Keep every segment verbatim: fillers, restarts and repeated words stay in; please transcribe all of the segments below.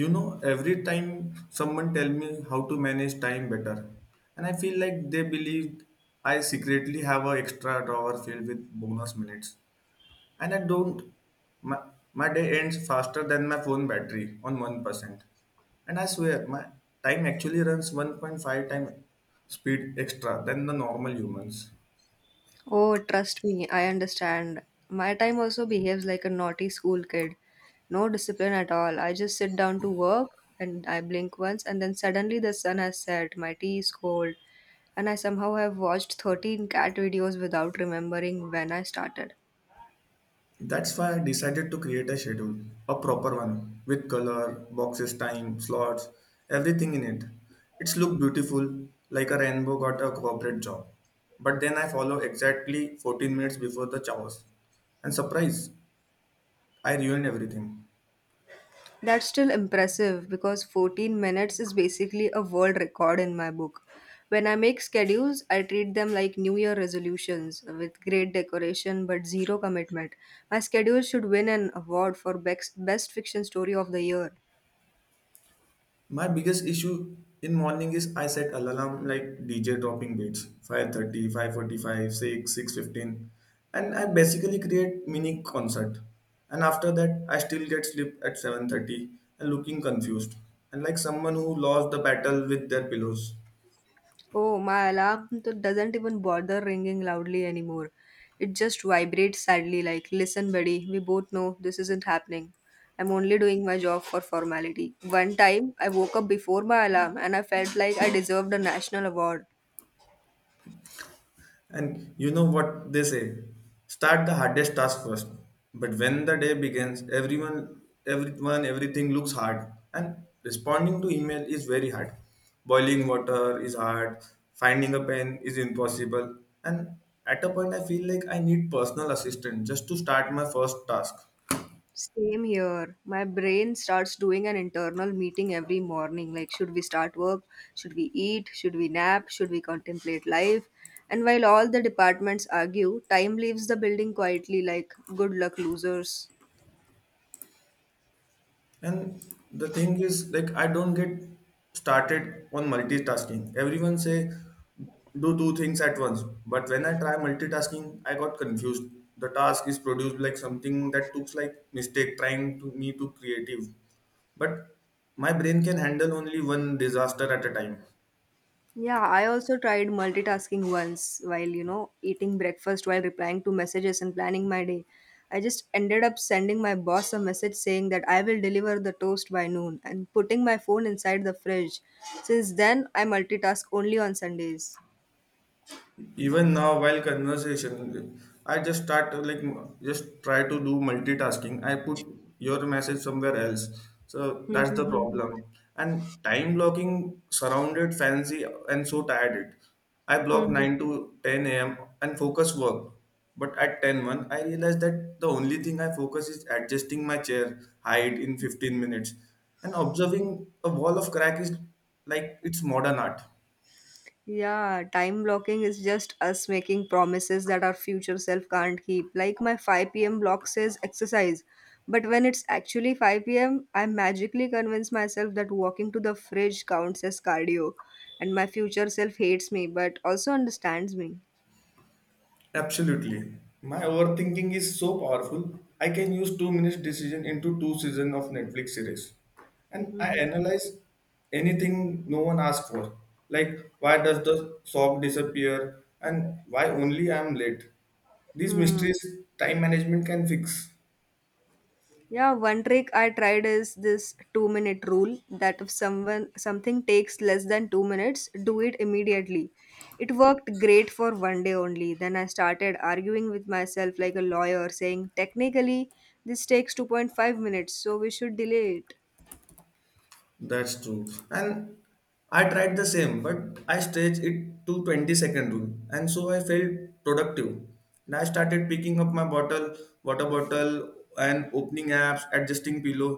You know, every time someone tell me how to manage time better, and I feel like they believe I secretly have an extra drawer filled with bonus minutes. And I don't. My, my day ends faster than my phone battery on one percent. And I swear my time actually runs one point five time speed extra than the normal humans. Oh, trust me, I understand. My time also behaves like a naughty school kid. No discipline at all. I just sit down to work and I blink once, and then suddenly the sun has set, my tea is cold, and I somehow have watched thirteen cat videos without remembering when I started. That's why I decided to create a schedule, a proper one, with color, boxes, time, slots, everything in it. It's looked beautiful, like a rainbow got a corporate job. But then I follow exactly fourteen minutes before the chaos. And surprise, I ruined everything. That's still impressive because fourteen minutes is basically a world record in my book. When I make schedules, I treat them like New Year resolutions with great decoration but zero commitment. My schedule should win an award for bex- best fiction story of the year. My biggest issue in morning is I set alarm like D J dropping beats five thirty, five forty-five, six fifteen and I basically create mini concert. And after that I still get sleep at seven thirty and looking confused and like someone who lost the battle with their pillows. Oh, my alarm t- doesn't even bother ringing loudly anymore. It just vibrates sadly, like, listen, buddy, we both know this isn't happening. I'm only doing my job for formality. One time, I woke up before my alarm and I felt like I deserved a national award. And you know what they say? Start the hardest task first. But when the day begins, everyone, everyone, everything looks hard. And responding to email is very hard. Boiling water is hard. Finding a pen is impossible. And at a point, I feel like I need personal assistant just to start my first task. Same here. My brain starts doing an internal meeting every morning like, should we start work? Should we eat? Should we nap? Should we contemplate life? And while all the departments argue, time leaves the building quietly like, good luck, losers. And the thing is, like, I don't get started on multitasking. Everyone say do two things at once, but when I try multitasking, I got confused. The task is produced like something that looks like mistake trying to me to creative, but my brain can handle only one disaster at a time. Yeah, I also tried multitasking once while, you know, eating breakfast while replying to messages and planning my day. I just ended up sending my boss a message saying that I will deliver the toast by noon and putting my phone inside the fridge. Since then, I multitask only on Sundays. Even now while conversation, I just start to, like, just try to do multitasking. I put your message somewhere else, so that's the problem. And time blocking surrounded fancy and so tired it I block nine to ten a m and focus work. But at ten one, I realized that the only thing I focus is adjusting my chair height in fifteen minutes and observing a wall of crack is like it's modern art. Yeah, time blocking is just us making promises that our future self can't keep. Like my five p m block says exercise, but when it's actually five p m, I magically convince myself that walking to the fridge counts as cardio, and my future self hates me but also understands me. Absolutely. My overthinking is so powerful. I can use two minutes decision into two seasons of Netflix series. And I analyze anything no one asked for. Like why does the sock disappear and why only I am late? These Hmm. mysteries time management can fix. Yeah, one trick I tried is this two minute rule that if someone something takes less than two minutes, do it immediately. It worked great for one day only. Then I started arguing with myself like a lawyer, saying, technically, this takes two point five minutes, so we should delay it. That's true. And I tried the same, but I stretched it to twenty second rule. And so I felt productive. And I started picking up my bottle, water bottle, and opening apps, adjusting pillow.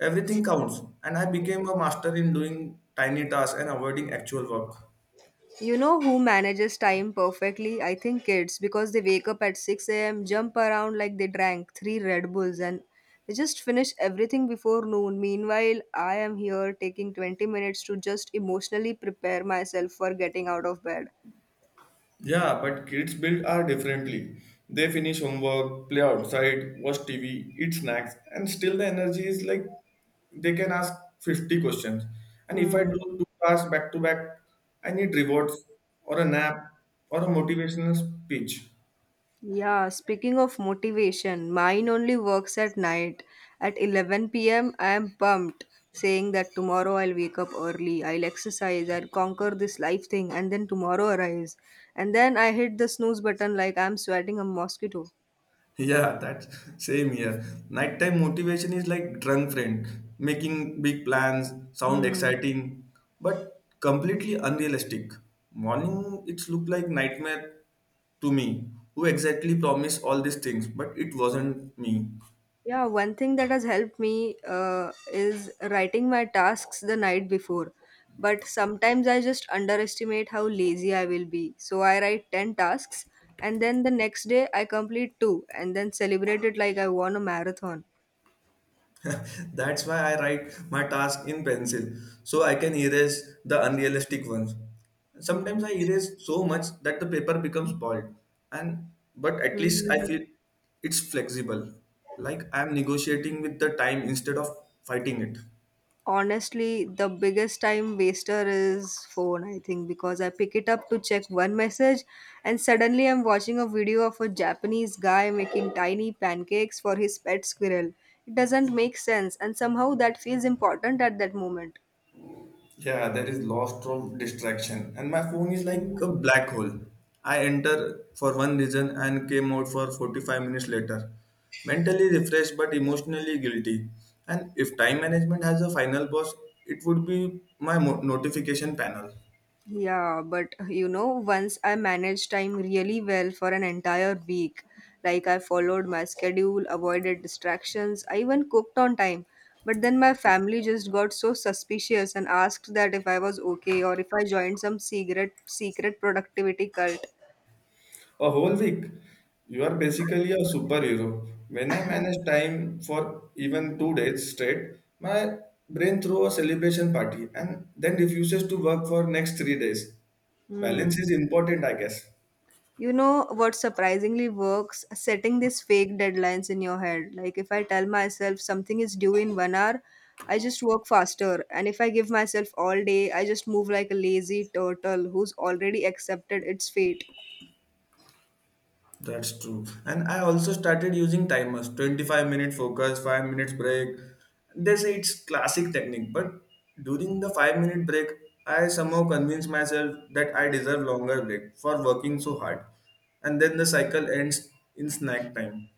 Everything counts. And I became a master in doing tiny tasks and avoiding actual work. You know who manages time perfectly? I think kids, because they wake up at six a m, jump around like they drank three Red Bulls, and they just finish everything before noon. Meanwhile, I am here taking twenty minutes to just emotionally prepare myself for getting out of bed. Yeah, but kids build are differently. They finish homework, play outside, watch T V, eat snacks, and still the energy is like they can ask fifty questions. And if I do Hmm. two tasks back to back, I need rewards or a nap or a motivational speech. Yeah, speaking of motivation, mine only works at night. At eleven p m, I am pumped, saying that tomorrow I'll wake up early, I'll exercise, I'll conquer this life thing, and then tomorrow arrives. And then I hit the snooze button like I'm sweating a mosquito. Yeah, that's same here. Nighttime motivation is like drunk friend, making big plans, sound Hmm. exciting, but completely unrealistic. Morning, it's look like nightmare to me. Who exactly promised all these things, but it wasn't me. Yeah, one thing that has helped me uh, is writing my tasks the night before. But sometimes I just underestimate how lazy I will be. So I write ten tasks and then the next day I complete two and then celebrate it like I won a marathon. That's why I write my task in pencil so I can erase the unrealistic ones. Sometimes I erase so much that the paper becomes bald and but at least I feel it's flexible. Like I'm negotiating with the time instead of fighting it. Honestly, the biggest time waster is phone, I think, because I pick it up to check one message and suddenly I'm watching a video of a Japanese guy making tiny pancakes for his pet squirrel. It doesn't make sense, and somehow that feels important at that moment. Yeah, there is lots of distraction, and my phone is like a black hole. I enter for one reason and came out for forty-five minutes later. Mentally refreshed but emotionally guilty. And if time management has a final boss, it would be my mo- notification panel. Yeah, but you know, once I managed time really well for an entire week. Like I followed my schedule, avoided distractions, I even cooked on time. But then my family just got so suspicious and asked that if I was okay or if I joined some secret secret productivity cult. A whole week. You are basically a superhero. When I manage time for even two days straight, my brain throws a celebration party and then refuses to work for next three days. Balance Hmm. is important, I guess. You know what surprisingly works? Setting these fake deadlines in your head. Like if I tell myself something is due in one hour, I just work faster. And if I give myself all day, I just move like a lazy turtle who's already accepted its fate. That's true. And I also started using timers twenty-five minute focus, five minutes break. They say it's classic technique, but during the five minute break, I somehow convinced myself that I deserve longer break for working so hard. And then the cycle ends in snack time.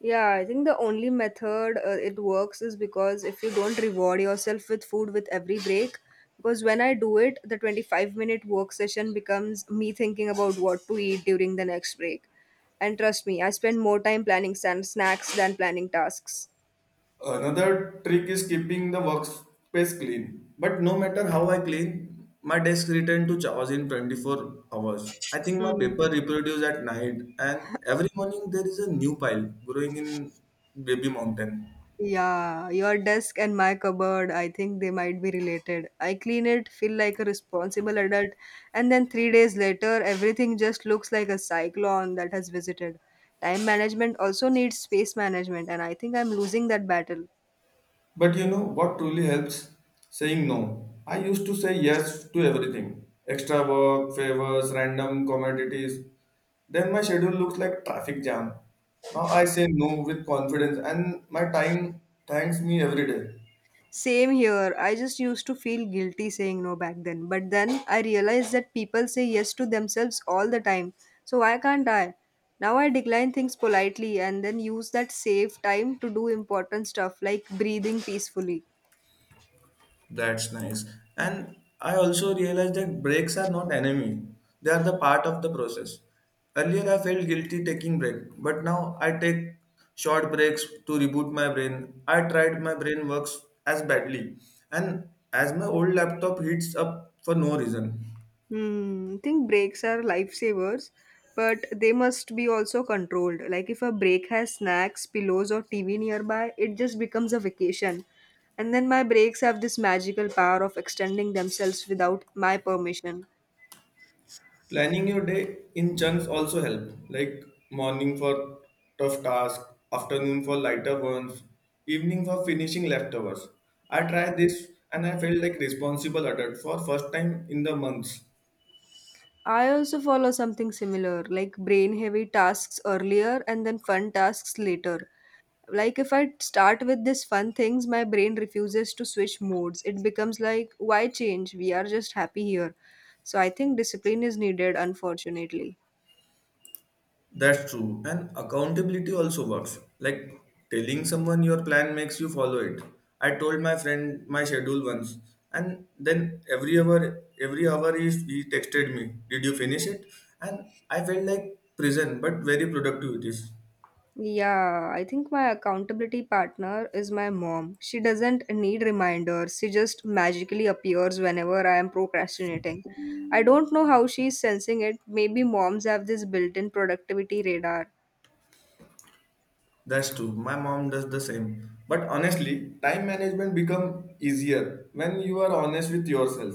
Yeah, I think the only method uh, it works is because if you don't reward yourself with food with every break, because when I do it, the twenty-five minute work session becomes me thinking about what to eat during the next break. And trust me, I spend more time planning san- snacks than planning tasks. Another trick is keeping the workspace clean. But no matter how I clean, my desk return to chaos in twenty-four hours. I think my Hmm. paper reproduce at night and every morning there is a new pile growing in baby mountain. Yeah, your desk and my cupboard, I think they might be related. I clean it, feel like a responsible adult, and then three days later, everything just looks like a cyclone that has visited. Time management also needs space management, and I think I'm losing that battle. But you know what truly helps? Saying no. I used to say yes to everything extra work, favors, random commodities. Then my schedule looks like traffic jam. Now I say no with confidence and my time thanks me every day. Same here. I just used to feel guilty saying no back then. But then I realized that people say yes to themselves all the time. So why can't I? Now I decline things politely and then use that save time to do important stuff like breathing peacefully. That's nice. And I also realized that breaks are not enemy. They are the part of the process. Earlier I felt guilty taking break, but now I take short breaks to reboot my brain. I tried my brain works as badly and as my old laptop heats up for no reason. Hmm, I think breaks are lifesavers, but they must be also controlled. Like if a break has snacks, pillows, or T V nearby, it just becomes a vacation. And then my breaks have this magical power of extending themselves without my permission. Planning your day in chunks also help, like morning for tough tasks, afternoon for lighter ones, evening for finishing leftovers. I tried this and I felt like responsible adult for first time in the months. I also follow something similar, like brain heavy tasks earlier and then fun tasks later. Like if I start with this fun things, my brain refuses to switch modes. It becomes like, why change? We are just happy here. So I think discipline is needed, unfortunately. That's true. And accountability also works. Like telling someone your plan makes you follow it. I told my friend my schedule once, and then every hour, every hour he, he texted me, "Did you finish it?" And I felt like prison, but very productive it is. Yeah, I think my accountability partner is my mom. She doesn't need reminders. She just magically appears whenever I am procrastinating. I don't know how she's sensing it. Maybe moms have this built-in productivity radar. That's true. My mom does the same. But honestly, time management become easier when you are honest with yourself.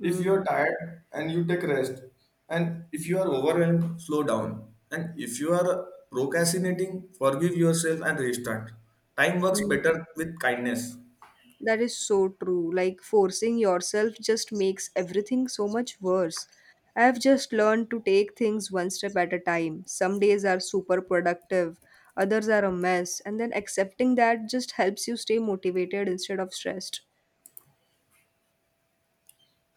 If you are tired and you take rest, and if you are overwhelmed, slow down. And if you are procrastinating, forgive yourself and restart. Time works Hmm. better with kindness. That is so true. Like forcing yourself just makes everything so much worse. I have just learned to take things one step at a time. Some days are super productive, others are a mess, and then accepting that just helps you stay motivated instead of stressed.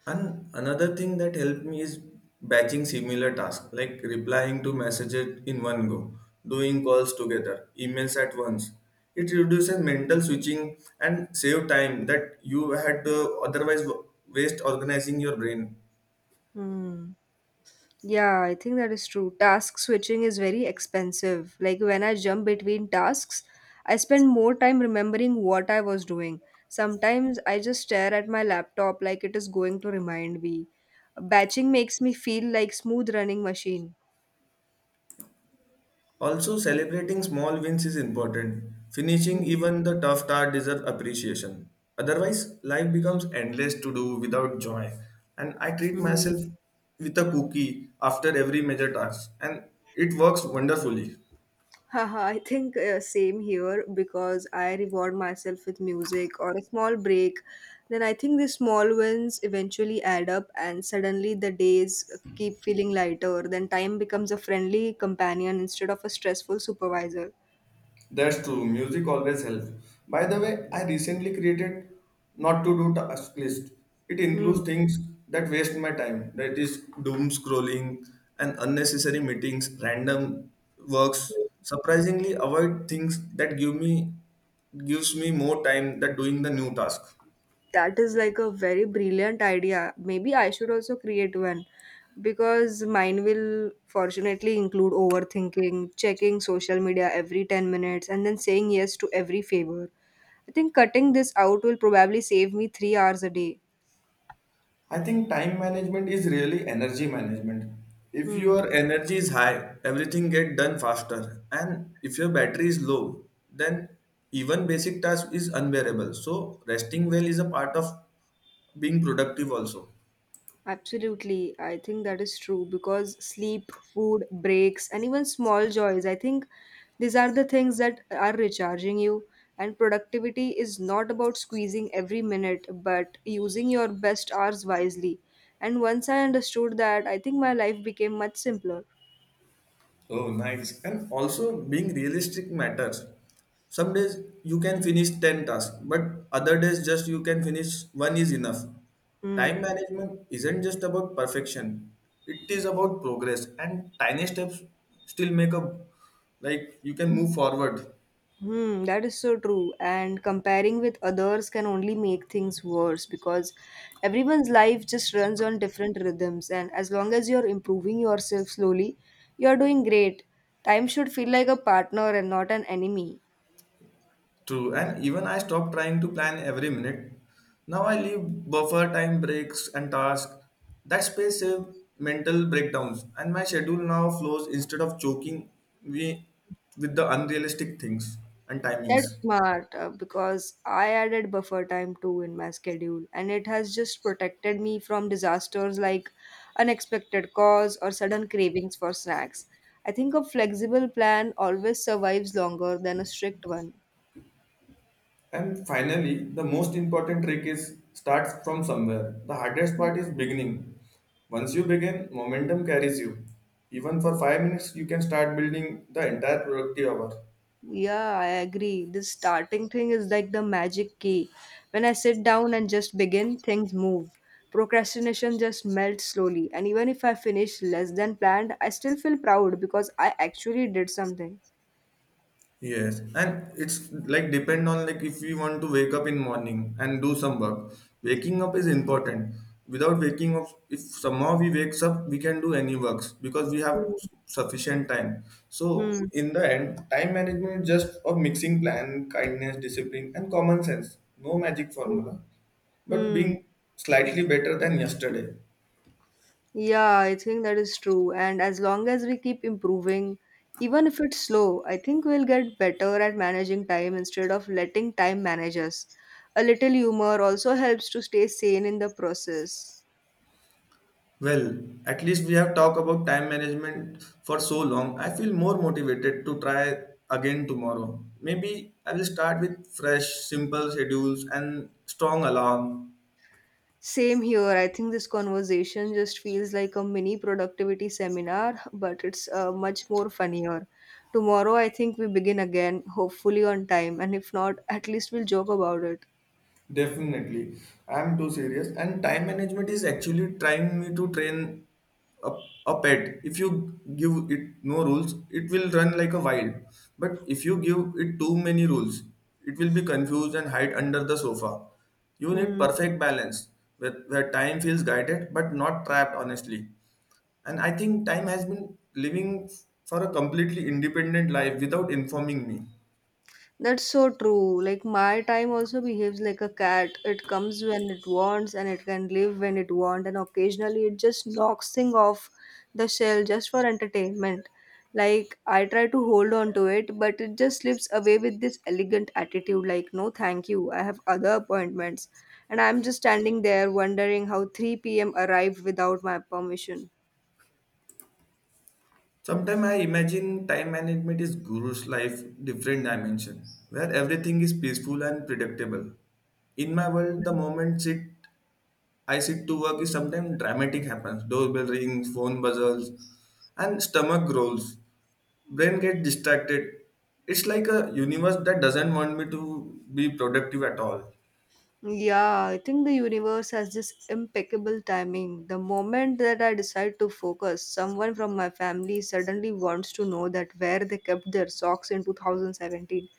And another thing that helped me is batching similar tasks, like replying to messages in one go, doing calls together, emails at once. It reduces mental switching and save time that you had to otherwise waste organizing your brain. Hmm. Yeah, I think that is true. Task switching is very expensive. Like when I jump between tasks, I spend more time remembering what I was doing. Sometimes I just stare at my laptop like it is going to remind me. Batching makes me feel like smooth running machine. Also, celebrating small wins is important. Finishing even the tough tasks deserve appreciation. Otherwise, life becomes endless to do without joy. And I treat Mm. myself with a cookie after every major task, and it works wonderfully. Haha, I think uh, same here because I reward myself with music or a small break. Then I think the small wins eventually add up, and suddenly the days keep feeling lighter. Then time becomes a friendly companion instead of a stressful supervisor. That's true. Music always helps. By the way, I recently created not to do task list. It Hmm. includes things that waste my time. That is doom scrolling and unnecessary meetings, random works. Surprisingly, avoid things that give me gives me more time than doing the new task. That is like a very brilliant idea. Maybe I should also create one because mine will fortunately include overthinking, checking social media every ten minutes, and then saying yes to every favor. I think cutting this out will probably save me three hours a day. I think time management is really energy management. If Hmm. your energy is high, everything get done faster. And if your battery is low, then even basic task is unbearable. So resting well is a part of being productive also. Absolutely. I think that is true because sleep, food, breaks, and even small joys, I think these are the things that are recharging you. And productivity is not about squeezing every minute, but using your best hours wisely. And once I understood that, I think my life became much simpler. Oh, nice. And also being realistic matters. Some days you can finish ten tasks, but other days just you can finish one is enough. Time Hmm. management isn't just about perfection. It is about progress and tiny steps still make up like you can move forward. Hmm, that is so true. And comparing with others can only make things worse because everyone's life just runs on different rhythms. And as long as you're improving yourself slowly, you're doing great. Time should feel like a partner and not an enemy. True, and even I stopped trying to plan every minute. Now I leave buffer time breaks and tasks. That space save mental breakdowns, and my schedule now flows instead of choking me with the unrealistic things and That's timings. smart uh, because I added buffer time too in my schedule, and it has just protected me from disasters like unexpected calls or sudden cravings for snacks. I think a flexible plan always survives longer than a strict one. And finally, the most important trick is start from somewhere. The hardest part is beginning. Once you begin, momentum carries you. Even for five minutes, you can start building the entire productive hour. Yeah, I agree. This starting thing is like the magic key. When I sit down and just begin, things move. Procrastination just melts slowly, and even if I finish less than planned, I still feel proud because I actually did something. Yes, and it's like depend on like if we want to wake up in morning and do some work. Waking up is important. Without waking up, if somehow we wakes up, we can do any works because we have sufficient time. So Hmm. in the end, time management is just a mixing plan, kindness, discipline, and common sense. No magic Hmm. formula, but Hmm. being slightly better than yesterday. Yeah, I think that is true. And as long as we keep improving, even if it's slow, I think we'll get better at managing time instead of letting time manage us. A little humor also helps to stay sane in the process. Well, at least we have talked about time management for so long. I feel more motivated to try again tomorrow. Maybe I will start with fresh, simple schedules and strong alarm. Same here. I think this conversation just feels like a mini productivity seminar, but it's uh, much more funnier. Tomorrow, I think we begin again, hopefully on time, and if not, at least we'll joke about it. Definitely. I'm too serious. And time management is actually trying me to train a, a pet. If you give it no rules, it will run like a wild. But if you give it too many rules, it will be confused and hide under the sofa. You need Hmm. perfect balance where, where time feels guided but not trapped, honestly. And I think time has been living for a completely independent life without informing me. That's so true. Like my time also behaves like a cat. It comes when it wants and it can leave when it wants and occasionally it just knocks thing off the shell just for entertainment. Like I try to hold on to it, but it just slips away with this elegant attitude like no thank you. I have other appointments. And I'm just standing there wondering how three p m arrived without my permission. Sometimes I imagine time management is guru's life different dimension where everything is peaceful and predictable. In my world, the moment sit I sit to work is sometimes dramatic happens. Doorbell rings, phone buzzes, and stomach growls. Brain gets distracted. It's like a universe that doesn't want me to be productive at all. Yeah, I think the universe has this impeccable timing. The moment that I decide to focus, someone from my family suddenly wants to know that where they kept their socks in two thousand seventeen.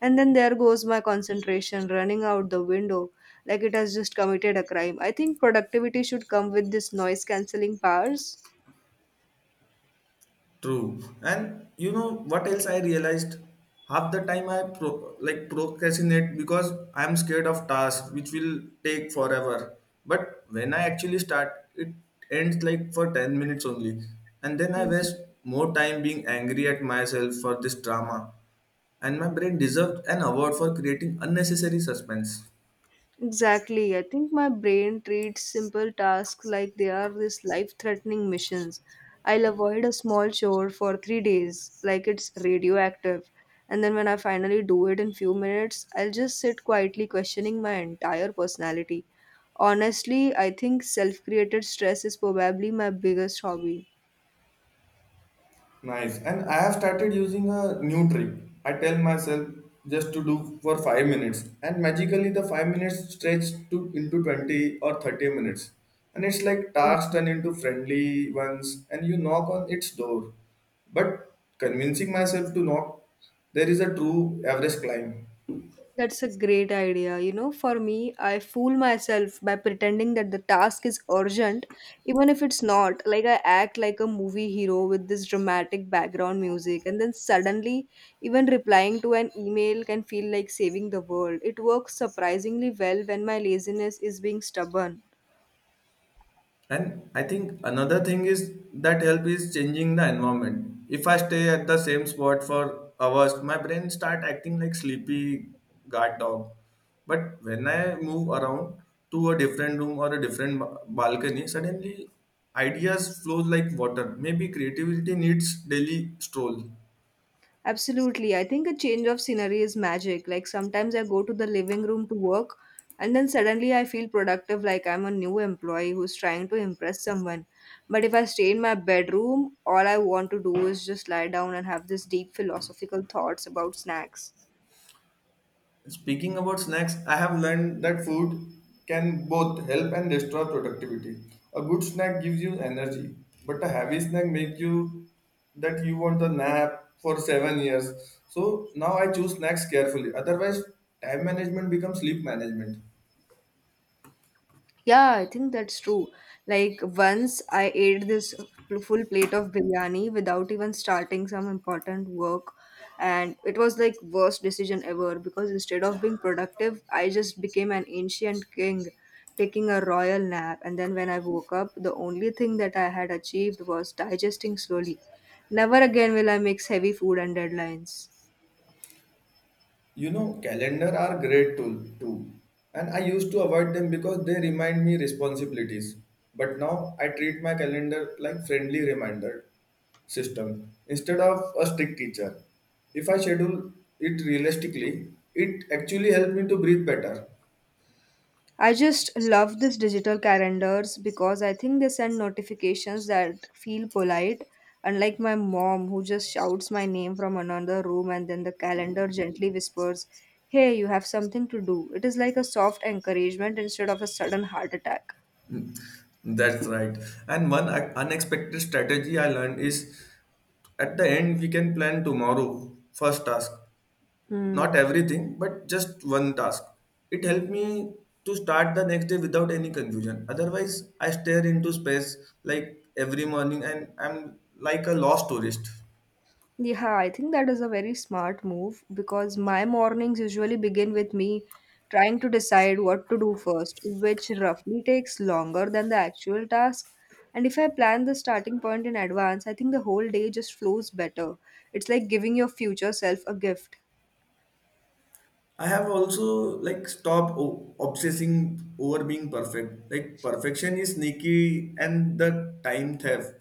And then there goes my concentration running out the window like it has just committed a crime. I think productivity should come with this noise cancelling powers. True. And you know what else I realized? Half the time I pro- like procrastinate because I'm scared of tasks which will take forever. But when I actually start, it ends like for ten minutes only. And then I waste more time being angry at myself for this drama. And my brain deserved an award for creating unnecessary suspense. Exactly. I think my brain treats simple tasks like they are these life threatening missions. I'll avoid a small chore for three days, like it's radioactive. And then when I finally do it in few minutes, I'll just sit quietly questioning my entire personality. Honestly, I think self created stress is probably my biggest hobby. Nice. And I have started using a new trick. I tell myself just to do for five minutes, and magically the five minutes stretch to into twenty or thirty minutes, and it's like tasks turn into friendly ones, and you knock on its door. But convincing myself to knock, there is a true average climb. That's a great idea. You know, for me, I fool myself by pretending that the task is urgent, even if it's not. Like, I act like a movie hero with this dramatic background music, and then suddenly, even replying to an email can feel like saving the world. It works surprisingly well when my laziness is being stubborn. And I think another thing is that help is changing the environment. If I stay at the same spot for hours, my brain start acting like sleepy guard dog. But when I move around to a different room or a different ba- balcony, suddenly ideas flow like water. Maybe creativity needs daily stroll. Absolutely. I think a change of scenery is magic. Like sometimes I go to the living room to work and then suddenly I feel productive like I'm a new employee who's trying to impress someone. But if I stay in my bedroom, all I want to do is just lie down and have this deep philosophical thoughts about snacks. Speaking about snacks, I have learned that food can both help and destroy productivity. A good snack gives you energy, but a heavy snack makes you that you want a nap for seven years. So now I choose snacks carefully. Otherwise, time management becomes sleep management. Yeah, I think that's true. Like once I ate this pl- full plate of biryani without even starting some important work and it was like worst decision ever because instead of being productive, I just became an ancient king taking a royal nap and then when I woke up, the only thing that I had achieved was digesting slowly. Never again will I mix heavy food and deadlines. You know, calendar are great tool too. And I used to avoid them because they remind me responsibilities. But now I treat my calendar like friendly reminder system instead of a strict teacher. If I schedule it realistically, it actually helps me to breathe better. I just love these digital calendars because I think they send notifications that feel polite, unlike my mom who just shouts my name from another room and then the calendar gently whispers, Hey, you have something to do. It is like a soft encouragement instead of a sudden heart attack. Hmm, That's right. And one un- unexpected strategy I learned is at the end, we can plan tomorrow, first task, not Hmm. everything, but just one task. It helped me to start the next day without any confusion. Otherwise, I stare into space like every morning and I'm like a lost tourist. Yeah, I think that is a very smart move because my mornings usually begin with me trying to decide what to do first, which roughly takes longer than the actual task. And if I plan the starting point in advance, I think the whole day just flows better. It's like giving your future self a gift. I have also like stopped o- obsessing over being perfect. Like perfection is sneaky and the time theft.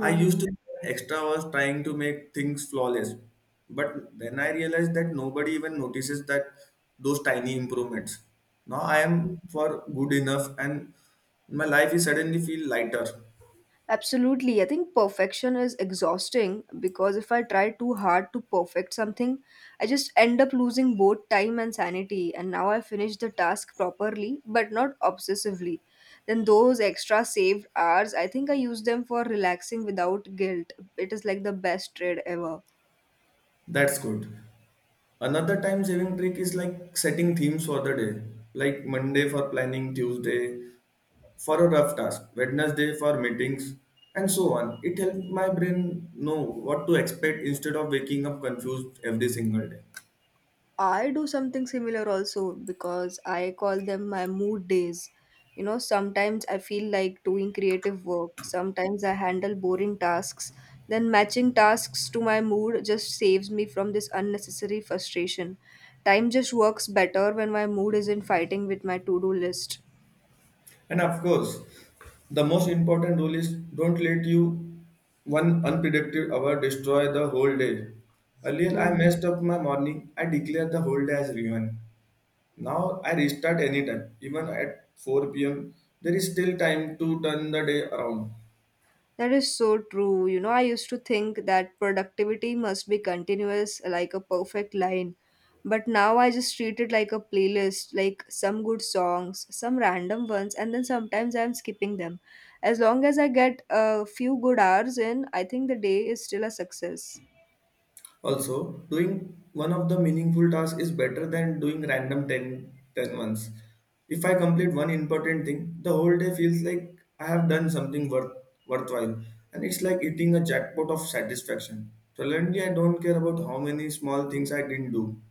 I used to spend extra hours trying to make things flawless, but then I realized that nobody even notices that those tiny improvements. Now I am for good enough, and my life is suddenly feel lighter. Absolutely. I think perfection is exhausting because if I try too hard to perfect something, I just end up losing both time and sanity. And now I finish the task properly, but not obsessively. Then those extra saved hours, I think I use them for relaxing without guilt. It is like the best trade ever. That's good. Another time saving trick is like setting themes for the day, like Monday for planning, Tuesday for a rough task, Wednesday for meetings, and so on. It helped my brain know what to expect instead of waking up confused every single day. I do something similar also because I call them my mood days. You know, sometimes I feel like doing creative work, sometimes I handle boring tasks. Then matching tasks to my mood just saves me from this unnecessary frustration. Time just works better when my mood isn't fighting with my to do list. And of course, the most important rule is don't let you one unpredictable hour destroy the whole day. Earlier, I Hmm. messed up my morning. I declared the whole day as ruined. Now I restart anytime, even at four p m. There is still time to turn the day around. That is so true. You know, I used to think that productivity must be continuous, like a perfect line. But now I just treat it like a playlist, like some good songs, some random ones, and then sometimes I'm skipping them. As long as I get a few good hours in, I think the day is still a success. Also, doing one of the meaningful tasks is better than doing random ten ten ones. If I complete one important thing, the whole day feels like I have done something worth, worthwhile, and it's like eating a jackpot of satisfaction. Suddenly, I don't care about how many small things I didn't do.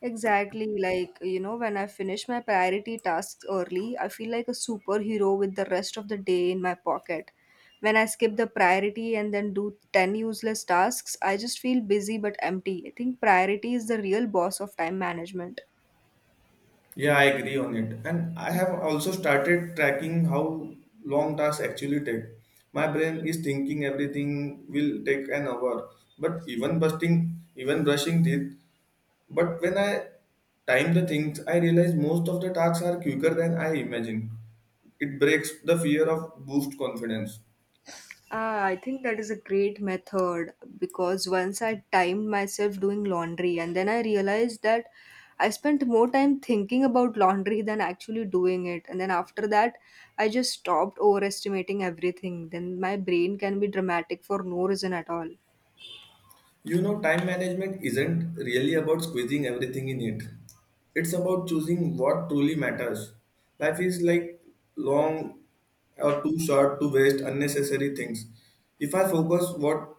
Exactly, like you know, when I finish my priority tasks early, I feel like a superhero with the rest of the day in my pocket. When I skip the priority and then do ten useless tasks, I just feel busy but empty. I think priority is the real boss of time management. Yeah, I agree on it. And I have also started tracking how long tasks actually take. My brain is thinking everything will take an hour, but even busting, even brushing teeth. But when I time the things, I realize most of the tasks are quicker than I imagine. It breaks the fear of boost confidence. Ah, I think that is a great method because once I timed myself doing laundry and then I realized that I spent more time thinking about laundry than actually doing it. And then after that, I just stopped overestimating everything. Then my brain can be dramatic for no reason at all. You know, time management isn't really about squeezing everything in it. It's about choosing what truly matters. Life is like long or too short to waste unnecessary things. If I focus what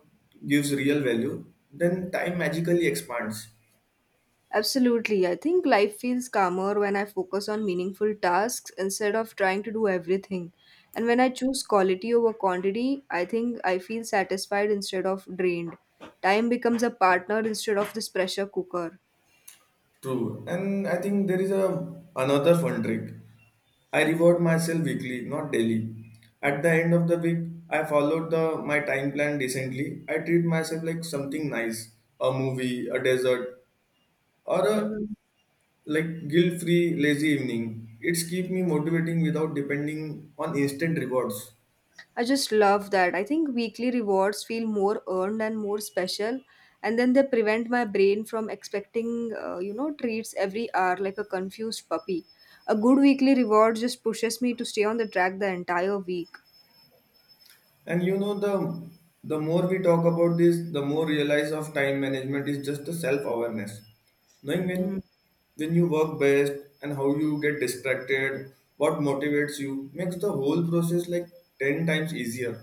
gives real value, then time magically expands. Absolutely. I think life feels calmer when I focus on meaningful tasks instead of trying to do everything. And when I choose quality over quantity, I think I feel satisfied instead of drained. Time becomes a partner instead of this pressure cooker. True, and I think there is a another fun trick. I reward myself weekly, not daily. At the end of the week, I followed the my time plan decently. I treat myself like something nice, a movie, a dessert, or a Hmm. like guilt-free lazy evening. It's keep me motivating without depending on instant rewards. I just love that. I think weekly rewards feel more earned and more special. And then they prevent my brain from expecting, uh, you know, treats every hour like a confused puppy. A good weekly reward just pushes me to stay on the track the entire week. And you know the the more we talk about this, the more realize of time management is just the self awareness, knowing when Mm. when you work best and how you get distracted, what motivates you makes the whole process like ten times easier.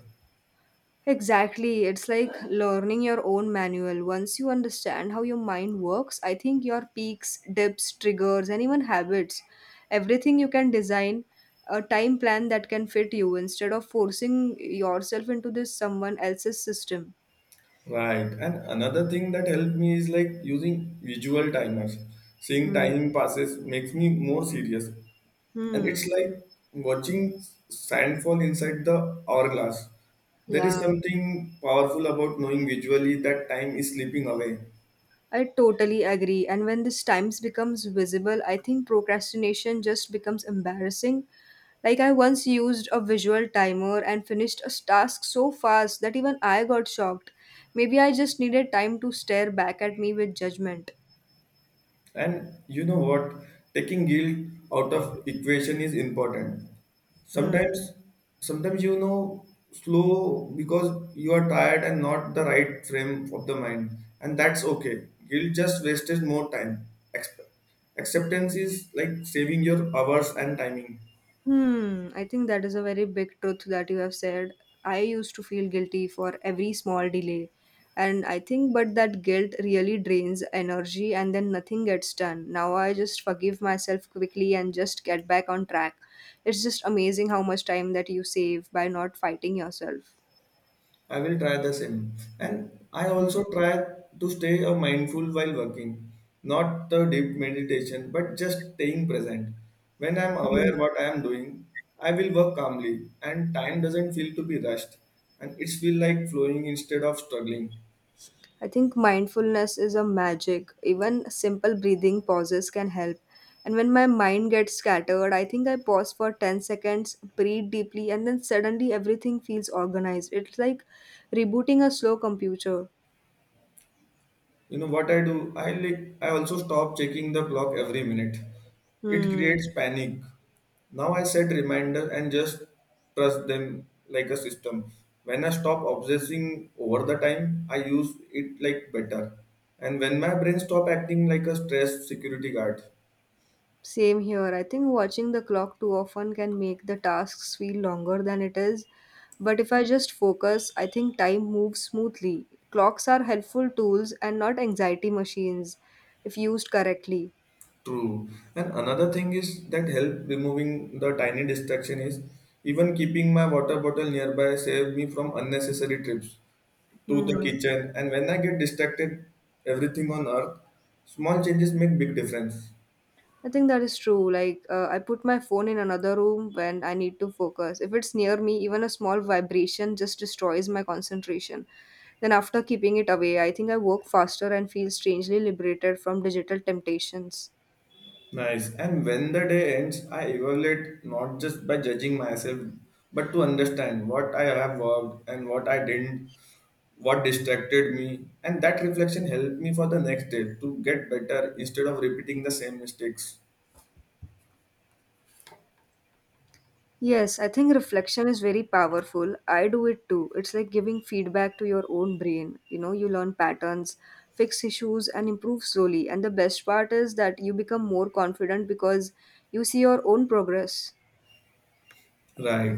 Exactly. It's like learning your own manual. Once you understand how your mind works, I think your peaks, dips, triggers, and even habits, everything you can design a time plan that can fit you instead of forcing yourself into this someone else's system. Right. And another thing that helped me is like using visual timers. Seeing Hmm. time passes makes me more serious and it's Hmm. like watching sandfall inside the hourglass. There is Yeah, something powerful about knowing visually that time is slipping away. I totally agree. And when this times becomes visible, I think procrastination just becomes embarrassing. Like, I once used a visual timer and finished a task so fast that even I got shocked. Maybe I just needed time to stare back at me with judgment. And you know what? Taking guilt out of equation is important. Hmm. Sometimes, sometimes you know slow because you are tired and not the right frame of the mind, and that's okay. Guilt just wastes more time. Ex- Acceptance is like saving your hours and timing. Hmm. I think that is a very big truth that you have said. I used to feel guilty for every small delay. And I think, but that guilt really drains energy and then nothing gets done. Now I just forgive myself quickly and just get back on track. It's just amazing how much time that you save by not fighting yourself. I will try the same. And I Hmm. also try to stay a mindful while working, not the deep meditation, but just staying present. When I'm aware what I am doing, I will work calmly and time doesn't feel to be rushed and it's feel like flowing instead of struggling. I think mindfulness is a magic. Even simple breathing pauses can help. And when my mind gets scattered, I think I pause for ten seconds, breathe deeply, and then suddenly everything feels organized. It's like rebooting a slow computer. You know what I do? I like I also stop checking the clock every minute. It Hmm. creates panic. Now I set reminder and just trust them like a system. When I stop obsessing over the time, I use it like better. And when my brain stop acting like a stressed security guard. Same here. I think watching the clock too often can make the tasks feel longer than it is. But if I just focus, I think time moves smoothly. Clocks are helpful tools and not anxiety machines if used correctly. True. And another thing is that help removing the tiny distraction is even keeping my water bottle nearby saved me from unnecessary trips to the Hmm. kitchen. And when I get distracted, everything on earth, small changes make big difference. I think that is true. Like, uh, I put my phone in another room when I need to focus. If it's near me, even a small vibration just destroys my concentration. Then, after keeping it away, I think I work faster and feel strangely liberated from digital temptations. Nice. And when the day ends, I evaluate, not just by judging myself, but to understand what I have worked and what I didn't, what distracted me, and that reflection helped me for the next day to get better instead of repeating the same mistakes. Yes, I think reflection is very powerful. I do it too. It's like giving feedback to your own brain. You know, you learn patterns, fix issues, and improve slowly. And the best part is that you become more confident because you see your own progress. Right.